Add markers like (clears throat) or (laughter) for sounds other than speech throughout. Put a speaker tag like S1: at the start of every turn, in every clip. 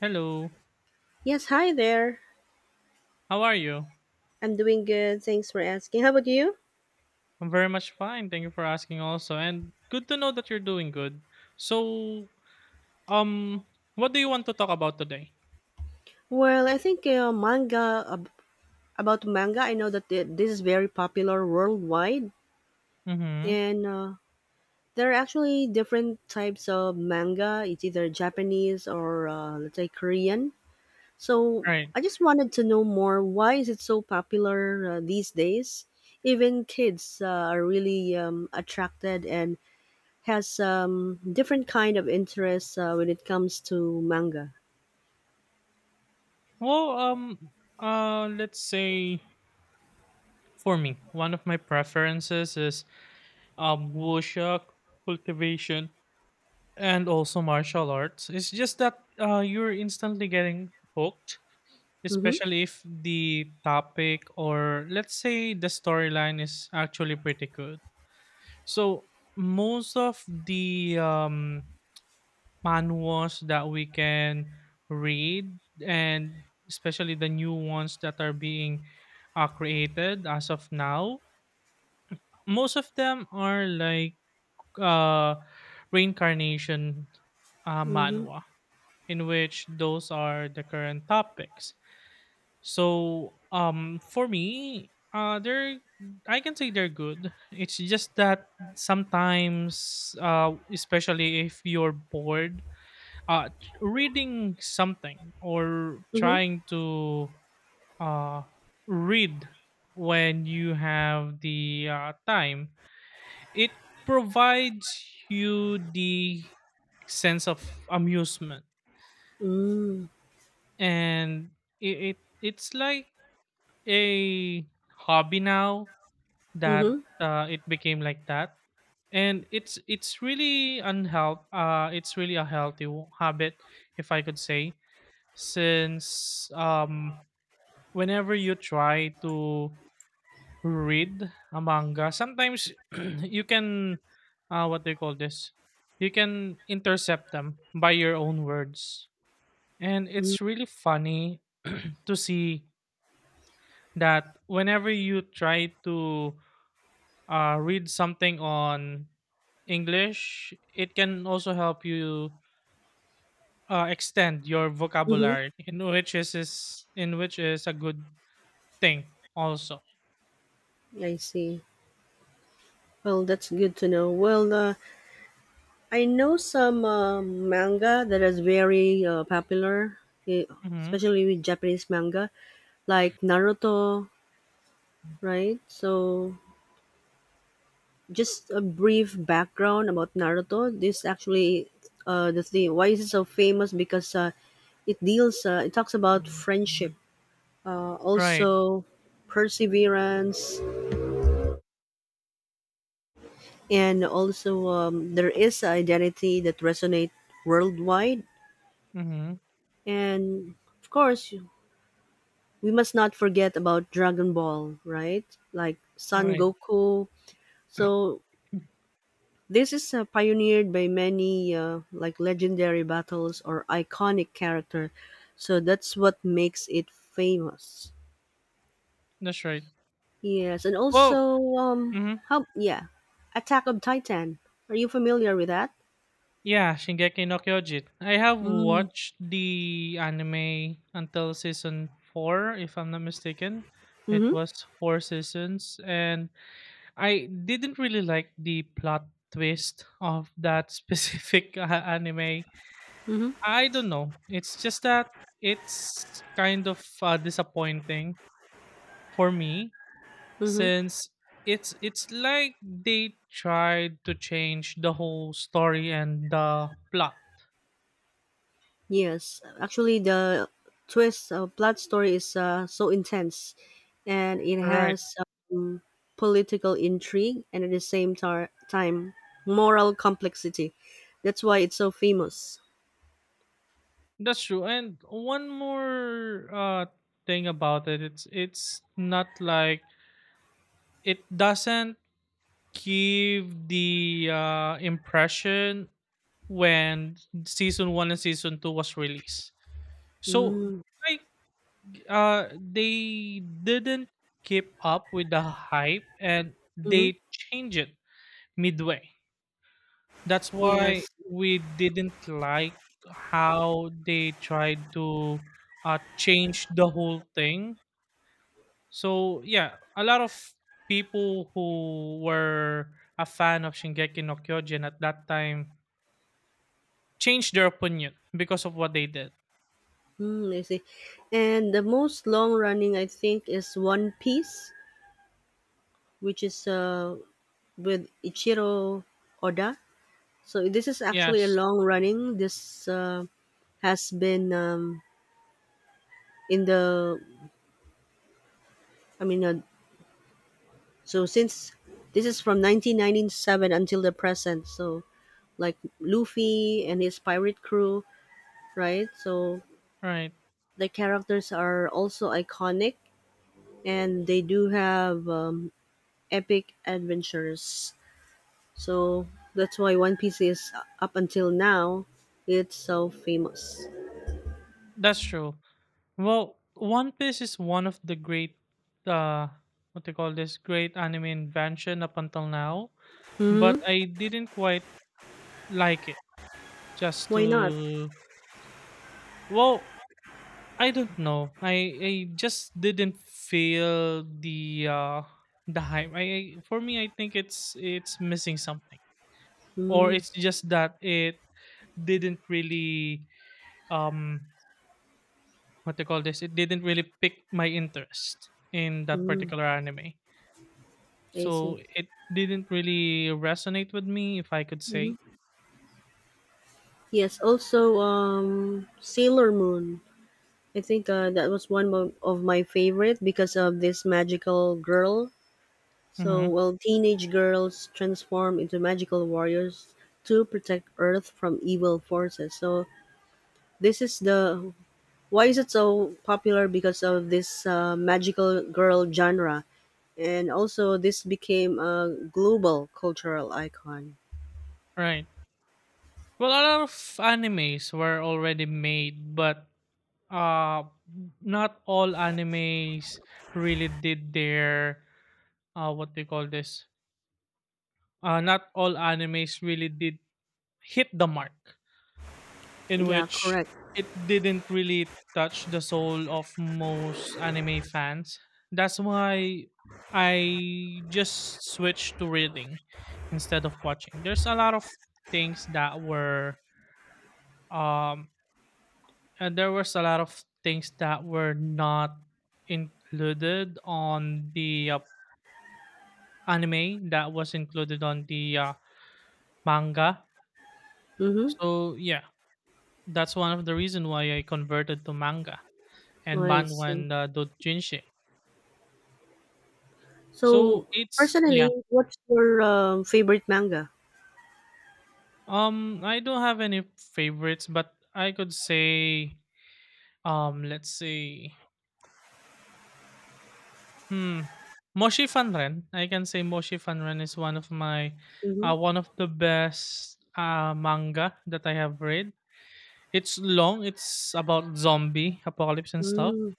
S1: Hello.
S2: Yes, hi there.
S1: How are you?
S2: I'm doing good. Thanks for asking. How about you?
S1: I'm very much fine. Thank you for asking also. And good to know that you're doing good. So, um what do you want to talk about today?
S2: Well, I think about manga. I know that this is very popular worldwide,
S1: Mhm.
S2: and there are actually different types of manga. It's either Japanese or let's say Korean. So
S1: Right.
S2: I just wanted to know more. Why is it so popular these days? Even kids are really attracted and has different kind of interests when it comes to manga.
S1: Well, let's say for me, one of my preferences is wuxia cultivation and also martial arts. It's just that you're instantly getting hooked,
S2: Mm-hmm.
S1: especially if the topic or let's say the storyline is actually pretty good. So most of the manuals that we can read, and especially the new ones that are being created as of now, most of them are like uh, reincarnation
S2: Mhm.
S1: manhwa, in which those are the current topics. So, for me, they're I can say they're good. It's just that sometimes, especially if you're bored, reading something or
S2: Mhm.
S1: trying to uh read when you have the time, it provides you the sense of amusement,
S2: Mm.
S1: and it's like a hobby now that
S2: Mhm.
S1: it became like that, and it's really unhealth it's really a healthy habit, if I could say, since whenever you try to read a manga sometimes (clears throat) you can what do you call this, you can intercept them by your own words and
S2: Mm.
S1: it's really funny (clears throat) to see that whenever you try to read something on English, it can also help you extend your
S2: Mhm.
S1: vocabulary, in which is a good thing also.
S2: I see. Well, that's good to know. Well, I know some manga that is very popular, eh,
S1: Mm-hmm.
S2: especially with Japanese manga, like Naruto, right? So, just a brief background about Naruto. This actually, the thing, why is it so famous? Because it talks about friendship,
S1: Right.
S2: also perseverance, and also there is an identity that resonate worldwide.
S1: Mm-hmm.
S2: And of course we must not forget about Dragon Ball, right? Like Son
S1: Right.
S2: Goku. So this is pioneered by many like legendary battles or iconic character, so that's what makes it famous.
S1: That's right.
S2: Yes, and
S1: Well,
S2: also
S1: mm-hmm.
S2: how, yeah, Attack of Titan, are you familiar with that?
S1: Yeah, Shingeki no Kyojin. I have
S2: Mm.
S1: watched the anime until season four, if I'm not mistaken. It
S2: Mm-hmm.
S1: was four seasons, and I didn't really like the plot twist of that (laughs) specific anime.
S2: Mm-hmm.
S1: I don't know. It's just that it's kind of disappointing for me,
S2: Mm-hmm.
S1: since it's like they tried to change the whole story and the plot.
S2: Yes, actually, the twist plot story is so intense, and it
S1: Right.
S2: has um, political intrigue and at the same time, moral complexity. That's why it's so famous.
S1: That's true. And one more thing about it, it's not like it doesn't give the impression when season 1 and season 2 was released. So
S2: Mm.
S1: like they didn't keep up with the hype and
S2: Mm-hmm.
S1: they changed it midway, that's why
S2: Yes.
S1: we didn't like how they tried to change the whole thing. So yeah, a lot of people who were a fan of Shingeki no Kyojin at that time changed their opinion because of what they did.
S2: Mm. I see. And the most long running, I think, is One Piece, which is with Ichiro Oda. So this is actually a
S1: Yes.
S2: long running. This has been in the I mean, so since this is from 1997 until the present, so like Luffy and his pirate crew, right? So
S1: Right.
S2: the characters are also iconic, and they do have epic adventures, so that's why One Piece is up until now it's so famous.
S1: That's true. Well, One Piece is one of the great, uh, what they call this, great anime invention up until now. But
S2: Hmm.
S1: I didn't quite like it. Just
S2: Why not?
S1: to, well, I don't know. I just didn't feel the hype. I for me, I think it's missing something, or
S2: Mm-hmm.
S1: it's just that it didn't really um what they call this. It didn't really pick my interest in that
S2: Mm-hmm.
S1: particular anime.
S2: I see.
S1: So it didn't really resonate with me, if I could
S2: Mhm.
S1: say.
S2: Yes, also, Sailor Moon. I think that was one of my favorite, because of this magical girl. So,
S1: Hmm.
S2: well, teenage girls transform into magical warriors to protect Earth from evil forces. So, this is the, why is it so popular? Because of this magical girl genre, and also this became a global cultural icon.
S1: Right. Well, a lot of animes were already made, but uh, not all animes really did their what do you call this? Not all animes really did hit the mark, in
S2: Yeah,
S1: which
S2: correct.
S1: it didn't really touch the soul of most anime fans. That's why I just switched to reading instead of watching. There's a lot of things that were um and there was a lot of things that were not included on the anime that was included on the manga.
S2: Mm-hmm.
S1: So yeah, that's one of the reason why I converted to manga,
S2: Oh,
S1: and
S2: I
S1: Banwan
S2: see.
S1: Doujinshi. So
S2: So,
S1: it's, yeah.
S2: personally, what's your favorite manga?
S1: I don't have any favorites, but I could say let's see, hmm, Moshi Fanren. I can say Moshi Fanren is one of my,
S2: Mm-hmm.
S1: one of the best manga that I have read. It's long. It's about zombie apocalypse and stuff.
S2: Mm.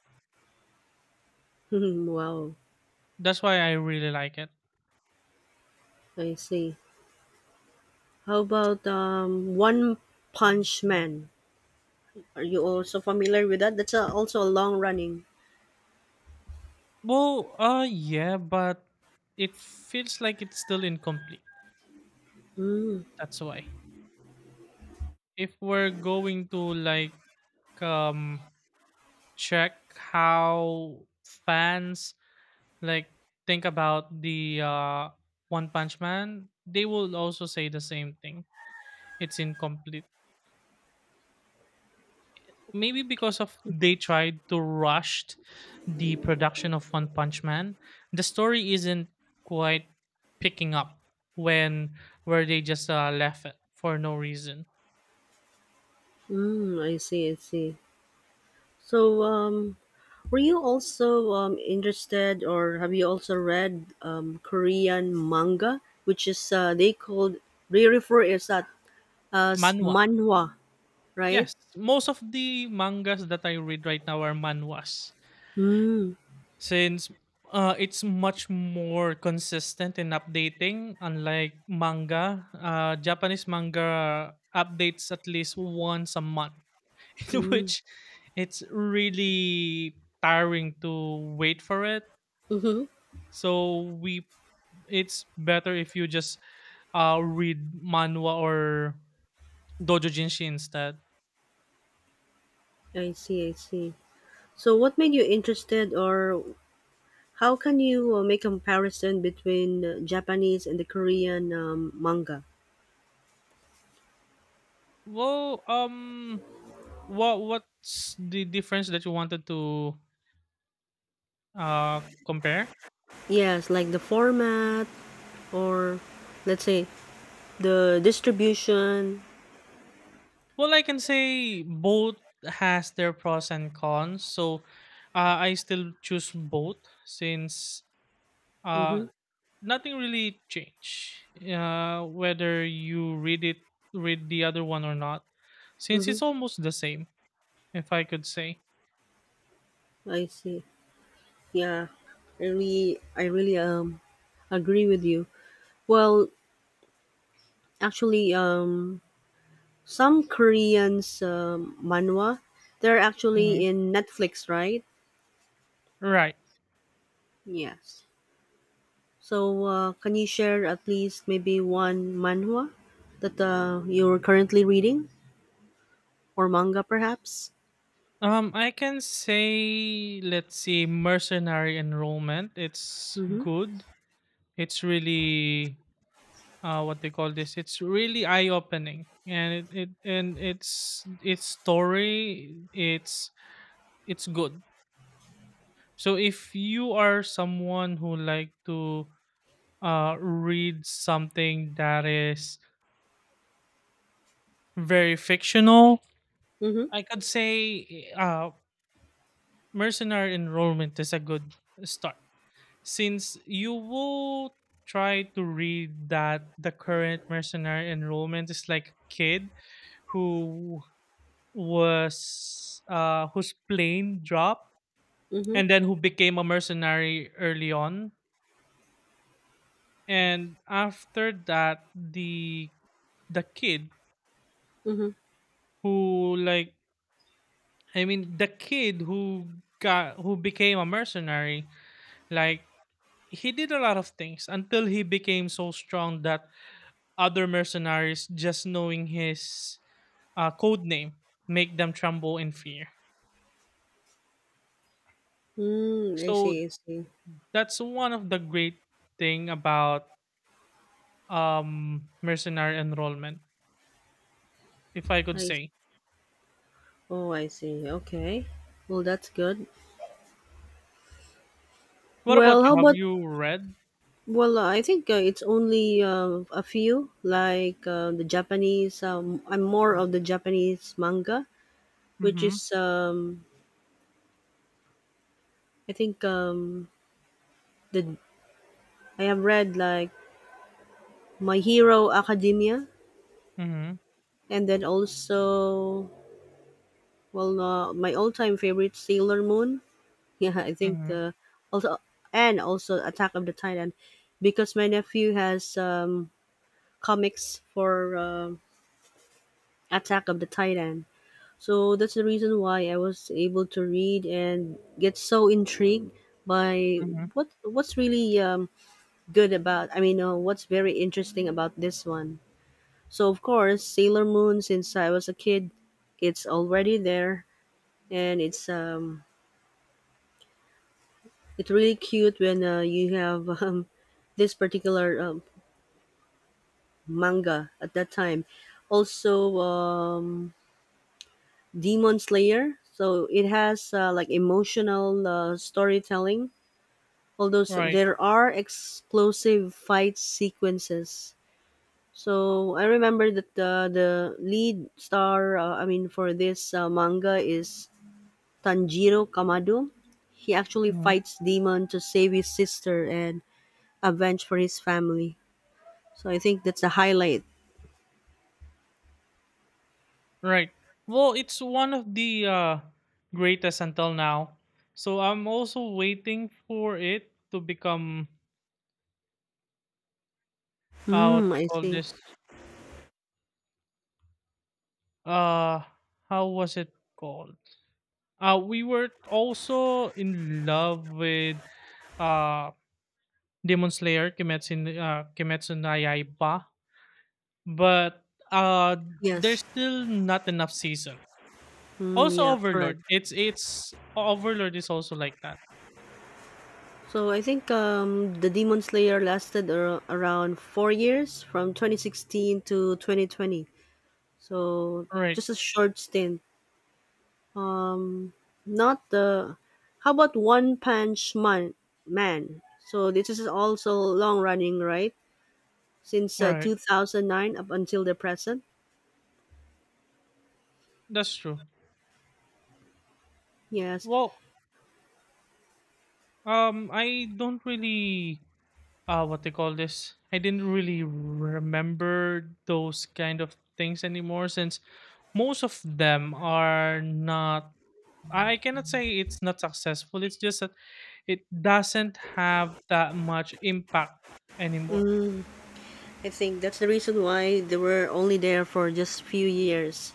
S2: Mhm. Wow.
S1: That's why I really like it.
S2: I see. How about One Punch Man? Are you also familiar with that? That's a, also a long running.
S1: Well, yeah, but it feels like it's still incomplete.
S2: Mm.
S1: That's why. If we're going to like um check how fans like think about the one punch man, they will also say the same thing. It's incomplete, maybe because of they tried to rush the production of one punch man. The story isn't quite picking up when where they just left it for no reason.
S2: Mm. I see, I see. So, were you also interested, or have you also read Korean manga, which is they refer as that as
S1: Manhwa.
S2: manhwa, right?
S1: Yes, most of the mangas that I read right now are manhwas
S2: Mm.
S1: since it's much more consistent in updating unlike manga. Japanese manga updates at least once a month, (laughs) in
S2: Mm.
S1: which it's really tiring to wait for it.
S2: Mm-hmm.
S1: So we it's better if you just read manhwa or doujinshi instead.
S2: I see, I see. So, what made you interested? Or how can you make a comparison between Japanese and the Korean manga?
S1: Well, what what's the difference that you wanted to compare?
S2: Yes, like the format or let's say the distribution.
S1: Well, I can say both has their pros and cons. So, I still choose both since uh
S2: Mm-hmm.
S1: nothing really changed whether you read it read the other one or not, since
S2: Mm-hmm.
S1: it's almost the same, if I could say.
S2: I see. Yeah, I really agree with you. Well, actually, some Koreans manhwa, they're
S1: Mhm.
S2: actually in Netflix, right?
S1: Right.
S2: Yes. So, can you share at least maybe one manhwa that you're currently reading, or manga perhaps?
S1: I can say, let's see, mercenary enrollment, it's
S2: Mm-hmm.
S1: good. It's really what they call this. It's really eye opening, and it and it's its story. It's good. So if you are someone who like to read something that is very fictional,
S2: Mm-hmm.
S1: I could say Mercenary Enrollment is a good start, since you will try to read that the current mercenary enrollment is like a kid who was whose plane dropped
S2: Mm-hmm.
S1: and then who became a mercenary early on, and after that the kid
S2: Mm-hmm.
S1: who like, I mean the kid who got who became a mercenary, like he did a lot of things until he became so strong that other mercenaries just knowing his code name make them tremble in fear.
S2: Mm. I
S1: So
S2: see. I see.
S1: that's one of the great thing about mercenary enrollment, if I could
S2: I see.
S1: say.
S2: Oh, I see. Okay. Well, that's good.
S1: What about
S2: Well, how
S1: you, have
S2: about?
S1: you read?
S2: Well, I think it's only a few, like the Japanese. I'm more of the Japanese manga, which
S1: Mm-hmm.
S2: is I think, the I have read, like, My Hero Academia.
S1: Mm-hmm.
S2: And then also, well, my all-time favorite, Sailor Moon. (laughs) Yeah, I think
S1: Mm-hmm.
S2: also and also Attack of the Titan, because my nephew has comics for Attack of the Titan. So that's the reason why I was able to read and get so intrigued by
S1: Mm-hmm.
S2: what's really good about. I mean, what's very interesting about this one. So of course, Sailor Moon. Since I was a kid, it's already there, and it's really cute when you have (laughs) this particular manga at that time. Also, Demon Slayer, so it has like, emotional storytelling, although
S1: Right.
S2: there are explosive fight sequences. So I remember that the lead star, I mean for this manga, is Tanjiro Kamado. He actually
S1: Mm-hmm.
S2: fights demon to save his sister and avenge for his family. So I think that's a highlight.
S1: Right. Well, it's one of the greatest until now, so I'm also waiting for it to become what
S2: Mm.
S1: they
S2: I
S1: call
S2: see.
S1: this, uh how was it called, we were also in love with uh demon slayer, kimetsu no yaiba, but uh there's
S2: Yes.
S1: still not enough season.
S2: Mm.
S1: Also
S2: Yeah, correct.
S1: overlord, it's overlord is also like that.
S2: So I think the Demon Slayer lasted around 4 years, from 2016 to 2020. So
S1: Right.
S2: just a short stint. Um, Not the. How about One Punch Man? So this is also long running, right? Since
S1: Right.
S2: 2009 up until the present.
S1: That's true.
S2: Yes.
S1: Well, I don't really what they call this, I didn't really remember those kind of things anymore, since most of them are not, I cannot say it's not successful, it's just that it doesn't have that much impact anymore.
S2: Hmm, I think that's the reason why they were only there for just few years,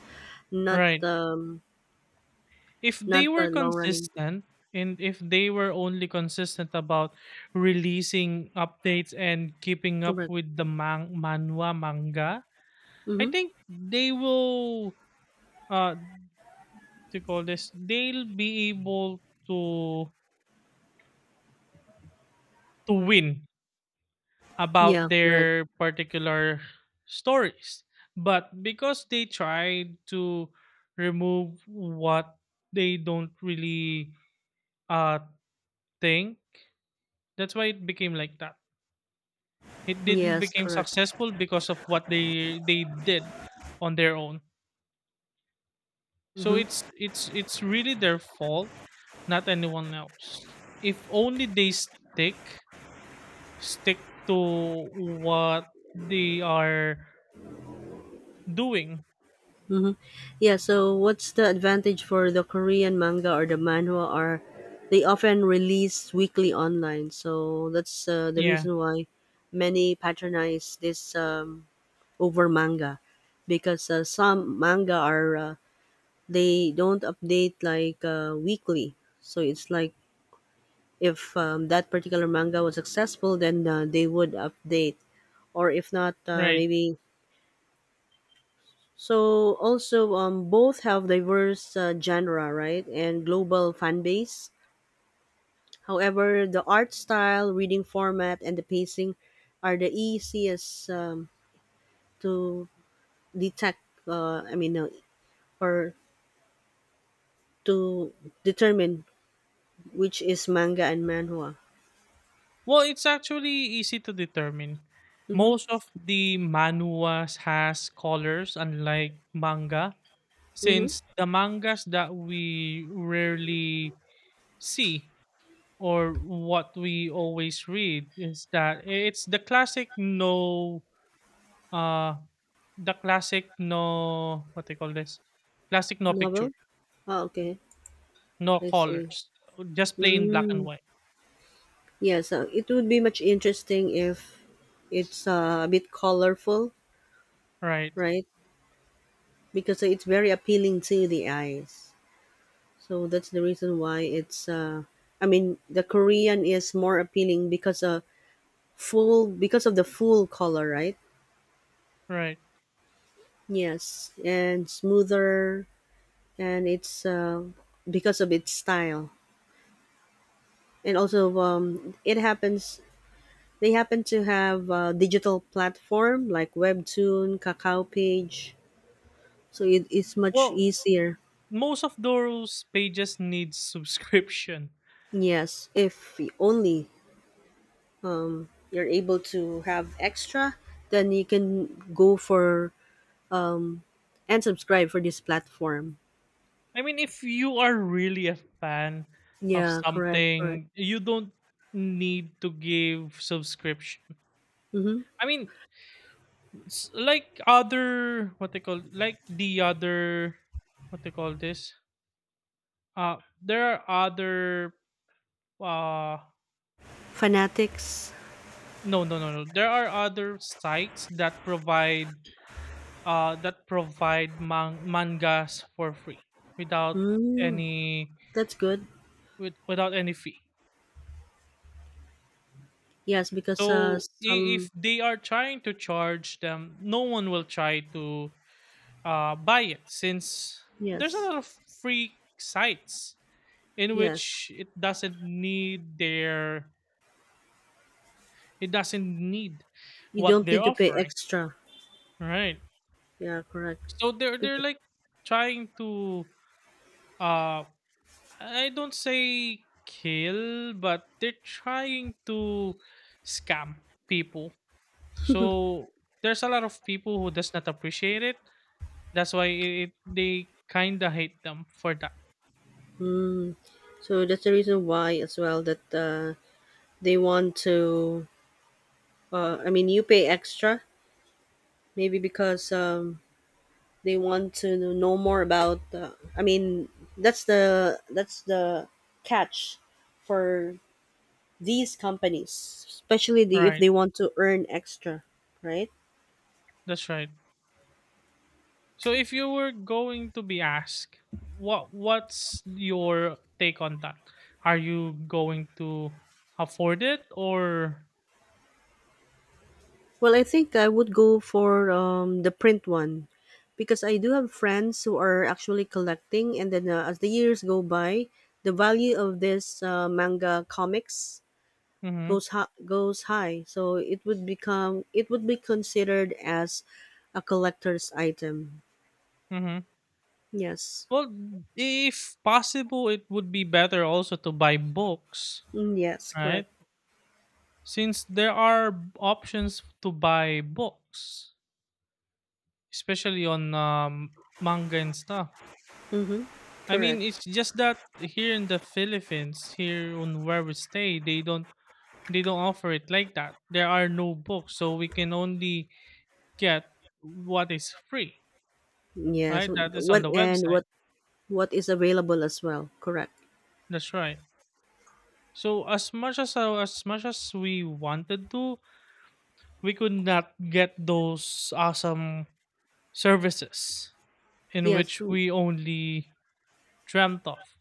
S2: not
S1: Right.
S2: um
S1: If
S2: not
S1: they were
S2: the long running.
S1: consistent and if they were only consistent about releasing updates and keeping up
S2: Correct.
S1: with the manhwa manga, I
S2: Mm-hmm.
S1: think they will uh to call this they'll be able to to win
S2: Yeah,
S1: about
S2: correct.
S1: their particular stories. But because they tried to remove what they don't really uh think, that's why it became like that. It didn't
S2: Yes,
S1: became
S2: correct.
S1: successful because of what they did on their own. So
S2: Mm-hmm.
S1: it's really their fault, not anyone else. If only they stick stick to what they are doing.
S2: Mm-hmm. Yeah. So, what's the advantage for the Korean manga or the manhwa? Are they often release weekly online? So that's the
S1: Yeah,
S2: reason why many patronize this over manga, because some manga are they don't update like weekly, so it's like, if that particular manga was successful, then they would update, or if not,
S1: right.
S2: maybe. So also, both have diverse genre, right, and global fan base. However, the art style, reading format, and the pacing are the easiest to detect, I mean, or to determine which is manga and manhwa.
S1: Well, it's actually easy to determine.
S2: Mm-hmm.
S1: Most of the manuas has colors unlike manga,
S2: Mm-hmm.
S1: since the mangas that we rarely see or what we always read is that it's uh the classic no what they call this, classic no picture,
S2: Novel. Oh, okay.
S1: no
S2: I see.
S1: colors, just plain black and
S2: Mm.
S1: white.
S2: Yeah, so it would be much interesting if it's a bit colorful,
S1: Right.
S2: right? Because it's very appealing to the eyes. So that's the reason why it's, I mean, the Korean is more appealing because of the full color, right?
S1: Right.
S2: Yes, and smoother, and it's because of its style. And also, it happens they happen to have a digital platform like Webtoon, Kakao Page, so it is much
S1: Well,
S2: easier.
S1: most of those pages need (laughs) subscription.
S2: Yes, if only you're able to have extra, then you can go for and subscribe for this platform.
S1: I mean, if you are really a fan of
S2: Yeah, correct, correct.
S1: something you don't need to give subscription.
S2: Mm-hmm.
S1: I mean, it's like other what they call like the other what they call this there are other uh
S2: Fanatics.
S1: no no no no there are other sites that provide mangas for free without
S2: Mm,
S1: any
S2: that's good.
S1: without any fee.
S2: Yes, because,
S1: So I-
S2: some
S1: if they are trying to charge them no one will try to buy it, since there's a
S2: yes,
S1: lot of free sites in
S2: yes,
S1: which it doesn't need their it doesn't need
S2: you
S1: what
S2: don't
S1: they're
S2: need to pay
S1: offering.
S2: extra.
S1: Right.
S2: Yeah, correct.
S1: So they're
S2: Bec-
S1: like trying to uh I don't say kill but they're trying to scam people. So there's a lot of people who does not appreciate it, that's why they kind of hate them for that.
S2: So that's the reason why, as well, that they want to I mean, you pay extra, maybe because they want to know more about, I mean, that's the catch for these companies, especially the, if
S1: Right.
S2: they want to earn extra, right.
S1: That's right. So if you were going to be asked, what what's your take on that? Are you going to afford it or
S2: Well, I think I would go for the print one, because I do have friends who are actually collecting, and then as the years go by, the value of this manga comics
S1: mhm
S2: goes high, so it would be considered as a collector's item.
S1: mhm.
S2: Yes.
S1: Well, if possible it would be better also to buy books,
S2: Mm, yes,
S1: right?
S2: correct.
S1: Since there are options to buy books, especially on manga and stuff.
S2: Mhm.
S1: I
S2: Correct.
S1: mean, it's just that here in the Philippines, here on where we stay, they don't offer it like that. There are no books, so we can only get what is free,
S2: Yes,
S1: right? That is on
S2: what
S1: the
S2: and
S1: website.
S2: what what is available as well. Correct.
S1: That's right. So as much as we wanted to, we could not get those awesome services in
S2: Yes.
S1: which we only dreamt of.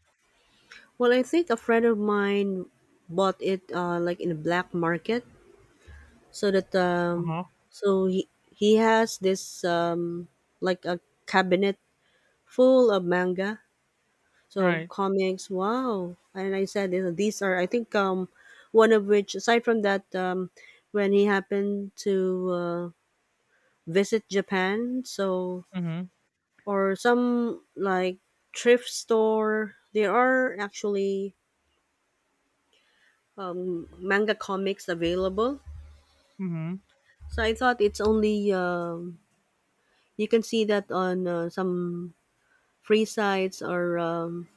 S2: Well, I think a friend of mine bought it, like, in a black market, so that,
S1: Uh huh.
S2: so he has this, like, a cabinet full of manga. So
S1: Right.
S2: comics, wow. And I said, these are, I think, one of which aside from that, when he happened to uh, visit Japan, so
S1: Mhm.
S2: or some like thrift store, there are actually manga comics available.
S1: Mhm.
S2: So I thought it's only you can see that on some free sites or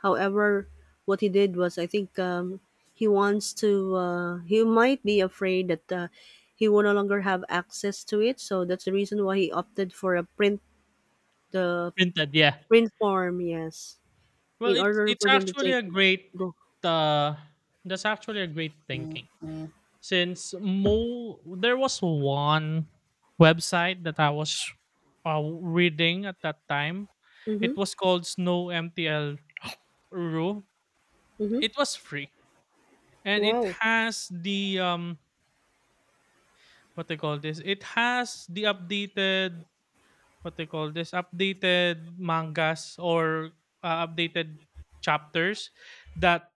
S2: however, what he did was, I think, he wants to. He might be afraid that he will no longer have access to it, so that's the reason why he opted for a print the
S1: Printed, yeah.
S2: print form. Yes,
S1: Well,
S2: in
S1: it's
S2: order
S1: it's
S2: for them to
S1: actually
S2: take
S1: a great.
S2: go.
S1: Uh, that's actually a great thinking. Since mo there was one website that I was reading at that time. It
S2: Mm-hmm.
S1: was called Snow MTL Ru.
S2: Mm-hmm.
S1: It was free and it
S2: Wow.
S1: has the what they call this. It has the updated what they call this updated mangas or updated chapters that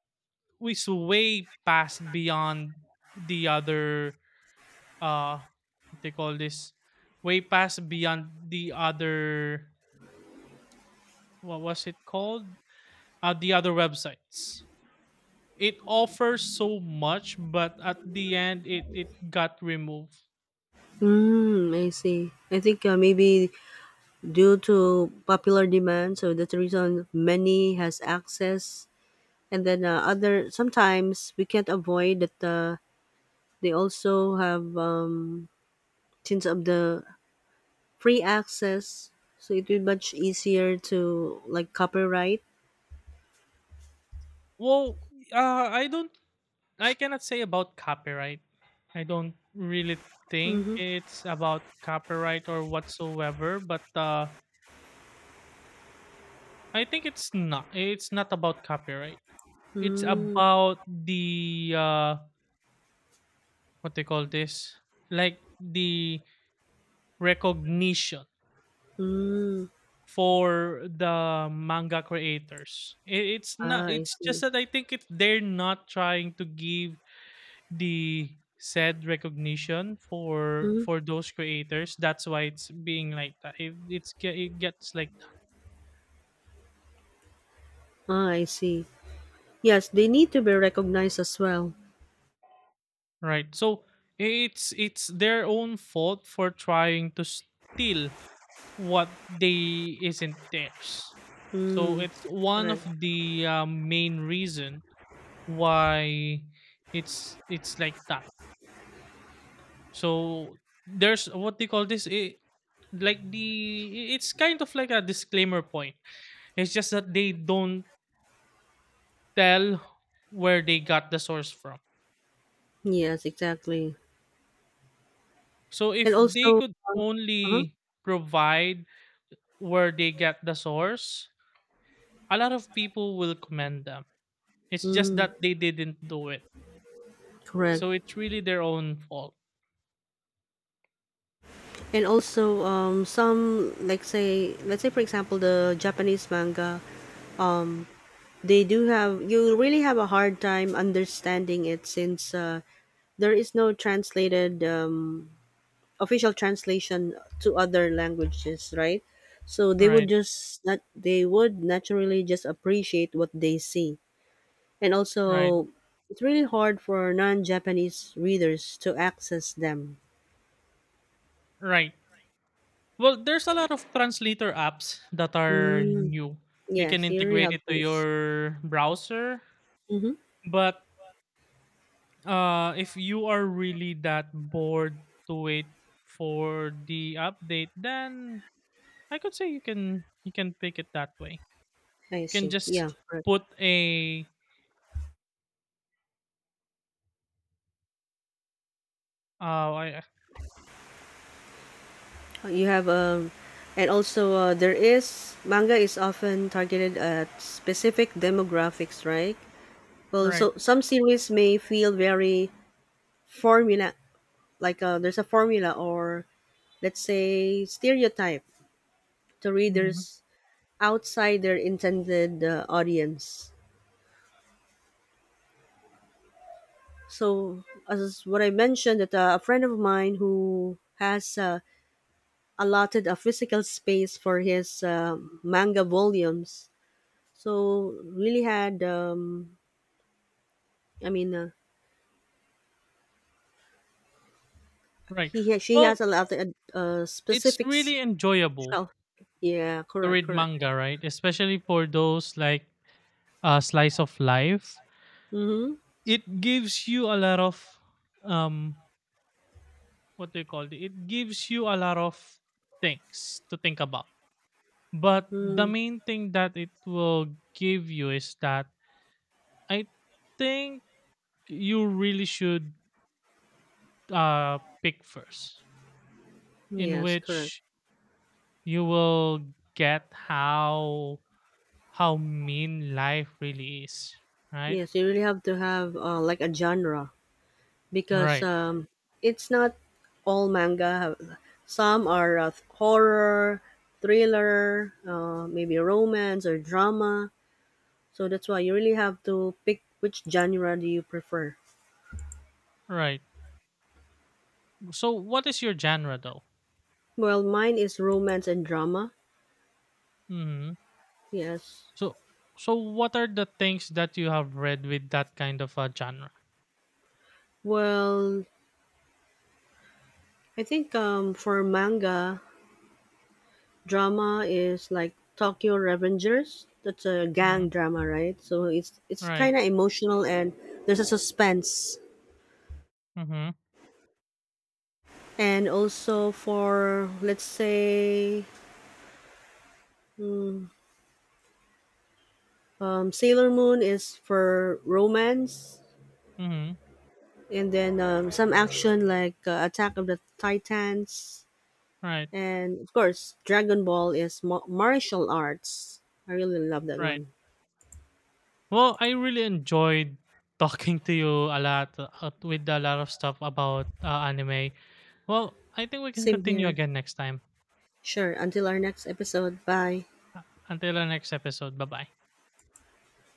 S1: is way past beyond the other uh they call this way past beyond the other what was it called, the other websites. It offers so much but at the end it it got removed.
S2: Mm, I see. I think maybe due to popular demand, so that's the reason many has access, and then other sometimes we can't avoid that. They also have, since of the free access, so it will be much easier to, like, copyright.
S1: Well, I don't, I cannot say about copyright. I don't really think
S2: Mm-hmm.
S1: it's about copyright or whatsoever, but I think it's not about copyright. It's
S2: Mm.
S1: about the what they call this, like the recognition
S2: Mm.
S1: for the manga creators. I- it's
S2: Ah,
S1: not,
S2: I
S1: it's just
S2: see.
S1: that I think it's they're not trying to give the said recognition
S2: Mm-hmm.
S1: for those creators, that's why it's being like that, it gets like
S2: Ah, I see. Yes, they need to be recognized as well.
S1: that. Right. So it's their own fault for trying to steal what they isn't theirs. So
S2: Mm,
S1: it's one
S2: correct.
S1: of the main reason why it's like that. So there's what they call this eh, like the it's kind of like a disclaimer point. It's just that they don't tell where they got the source from.
S2: Yes, exactly.
S1: So
S2: And
S1: if they
S2: also,
S1: could
S2: um, uh-huh.
S1: only provide where they get the source, a lot of people will commend them. It's just
S2: Mm,
S1: that they didn't do it.
S2: correct.
S1: So it's really their own fault.
S2: And also, let's say, for example, the Japanese manga. You really have a hard time understanding it, since there is no translated, official translation to other languages, right? So they would
S1: Right,
S2: just, not, they would naturally just appreciate what they see. And
S1: right,
S2: also, it's really hard for non Japanese readers to access them.
S1: right. Well, there's a lot of translator apps that are
S2: Mm,
S1: new. You can
S2: yes, you really
S1: integrate
S2: have
S1: it
S2: to
S1: to
S2: use.
S1: your browser,
S2: Mm-hmm.
S1: but if you are really that bored to wait for the update, then I could say you can pick it that way.
S2: I
S1: You can
S2: see. Yeah,
S1: just put a uh I-
S2: you have, and also, there is manga is often targeted at specific demographics, right? Well,
S1: right,
S2: so some series may feel very formula, like, there's a formula, or let's say stereotype, to
S1: mhm,
S2: readers outside their intended audience. So as what I mentioned, that a friend of mine who has allotted a physical space for his manga volumes, so really had, I mean,
S1: right.
S2: she has
S1: Well,
S2: a lot of
S1: it's
S2: specific
S1: really enjoyable
S2: shelf. Yeah,
S1: to
S2: correct,
S1: read
S2: correct.
S1: manga, right? Especially for those like slice of life,
S2: Mm-hmm.
S1: it gives you a lot of um what do you call it? It gives you a lot of things to think about. But the
S2: Mm,
S1: main thing that it will give you is that I think you really should pick first, in
S2: yes, correct.
S1: which you will get how mean life really is, right?
S2: Yes, you really have to have like, a genre, because
S1: Right,
S2: it's not all manga have, some are horror, thriller, maybe romance or drama, so that's why you really have to pick which genre do you prefer.
S1: right. So what is your genre though?
S2: Well, mine is romance and drama.
S1: Mhm.
S2: Yes.
S1: So so what are the things that you have read with that kind of a genre?
S2: Well, I think, for manga, drama is like Tokyo Revengers. That's a
S1: Mhm.
S2: gang drama, right? So it's
S1: Right.
S2: kind of emotional, and there's a suspense.
S1: Mhm.
S2: And also for, let's say, mm, Sailor Moon is for romance,
S1: Mhm.
S2: and then some action like Attack of the Titans,
S1: Right.
S2: and of course Dragon Ball is martial arts. I really love that
S1: Right.
S2: one.
S1: Well, I really enjoyed (laughs) talking to you a lot with a lot of stuff about anime. Well, I think we can
S2: Same
S1: continue
S2: here.
S1: again next time.
S2: Sure. Until our next episode. Bye.
S1: Until the next episode. Bye-bye.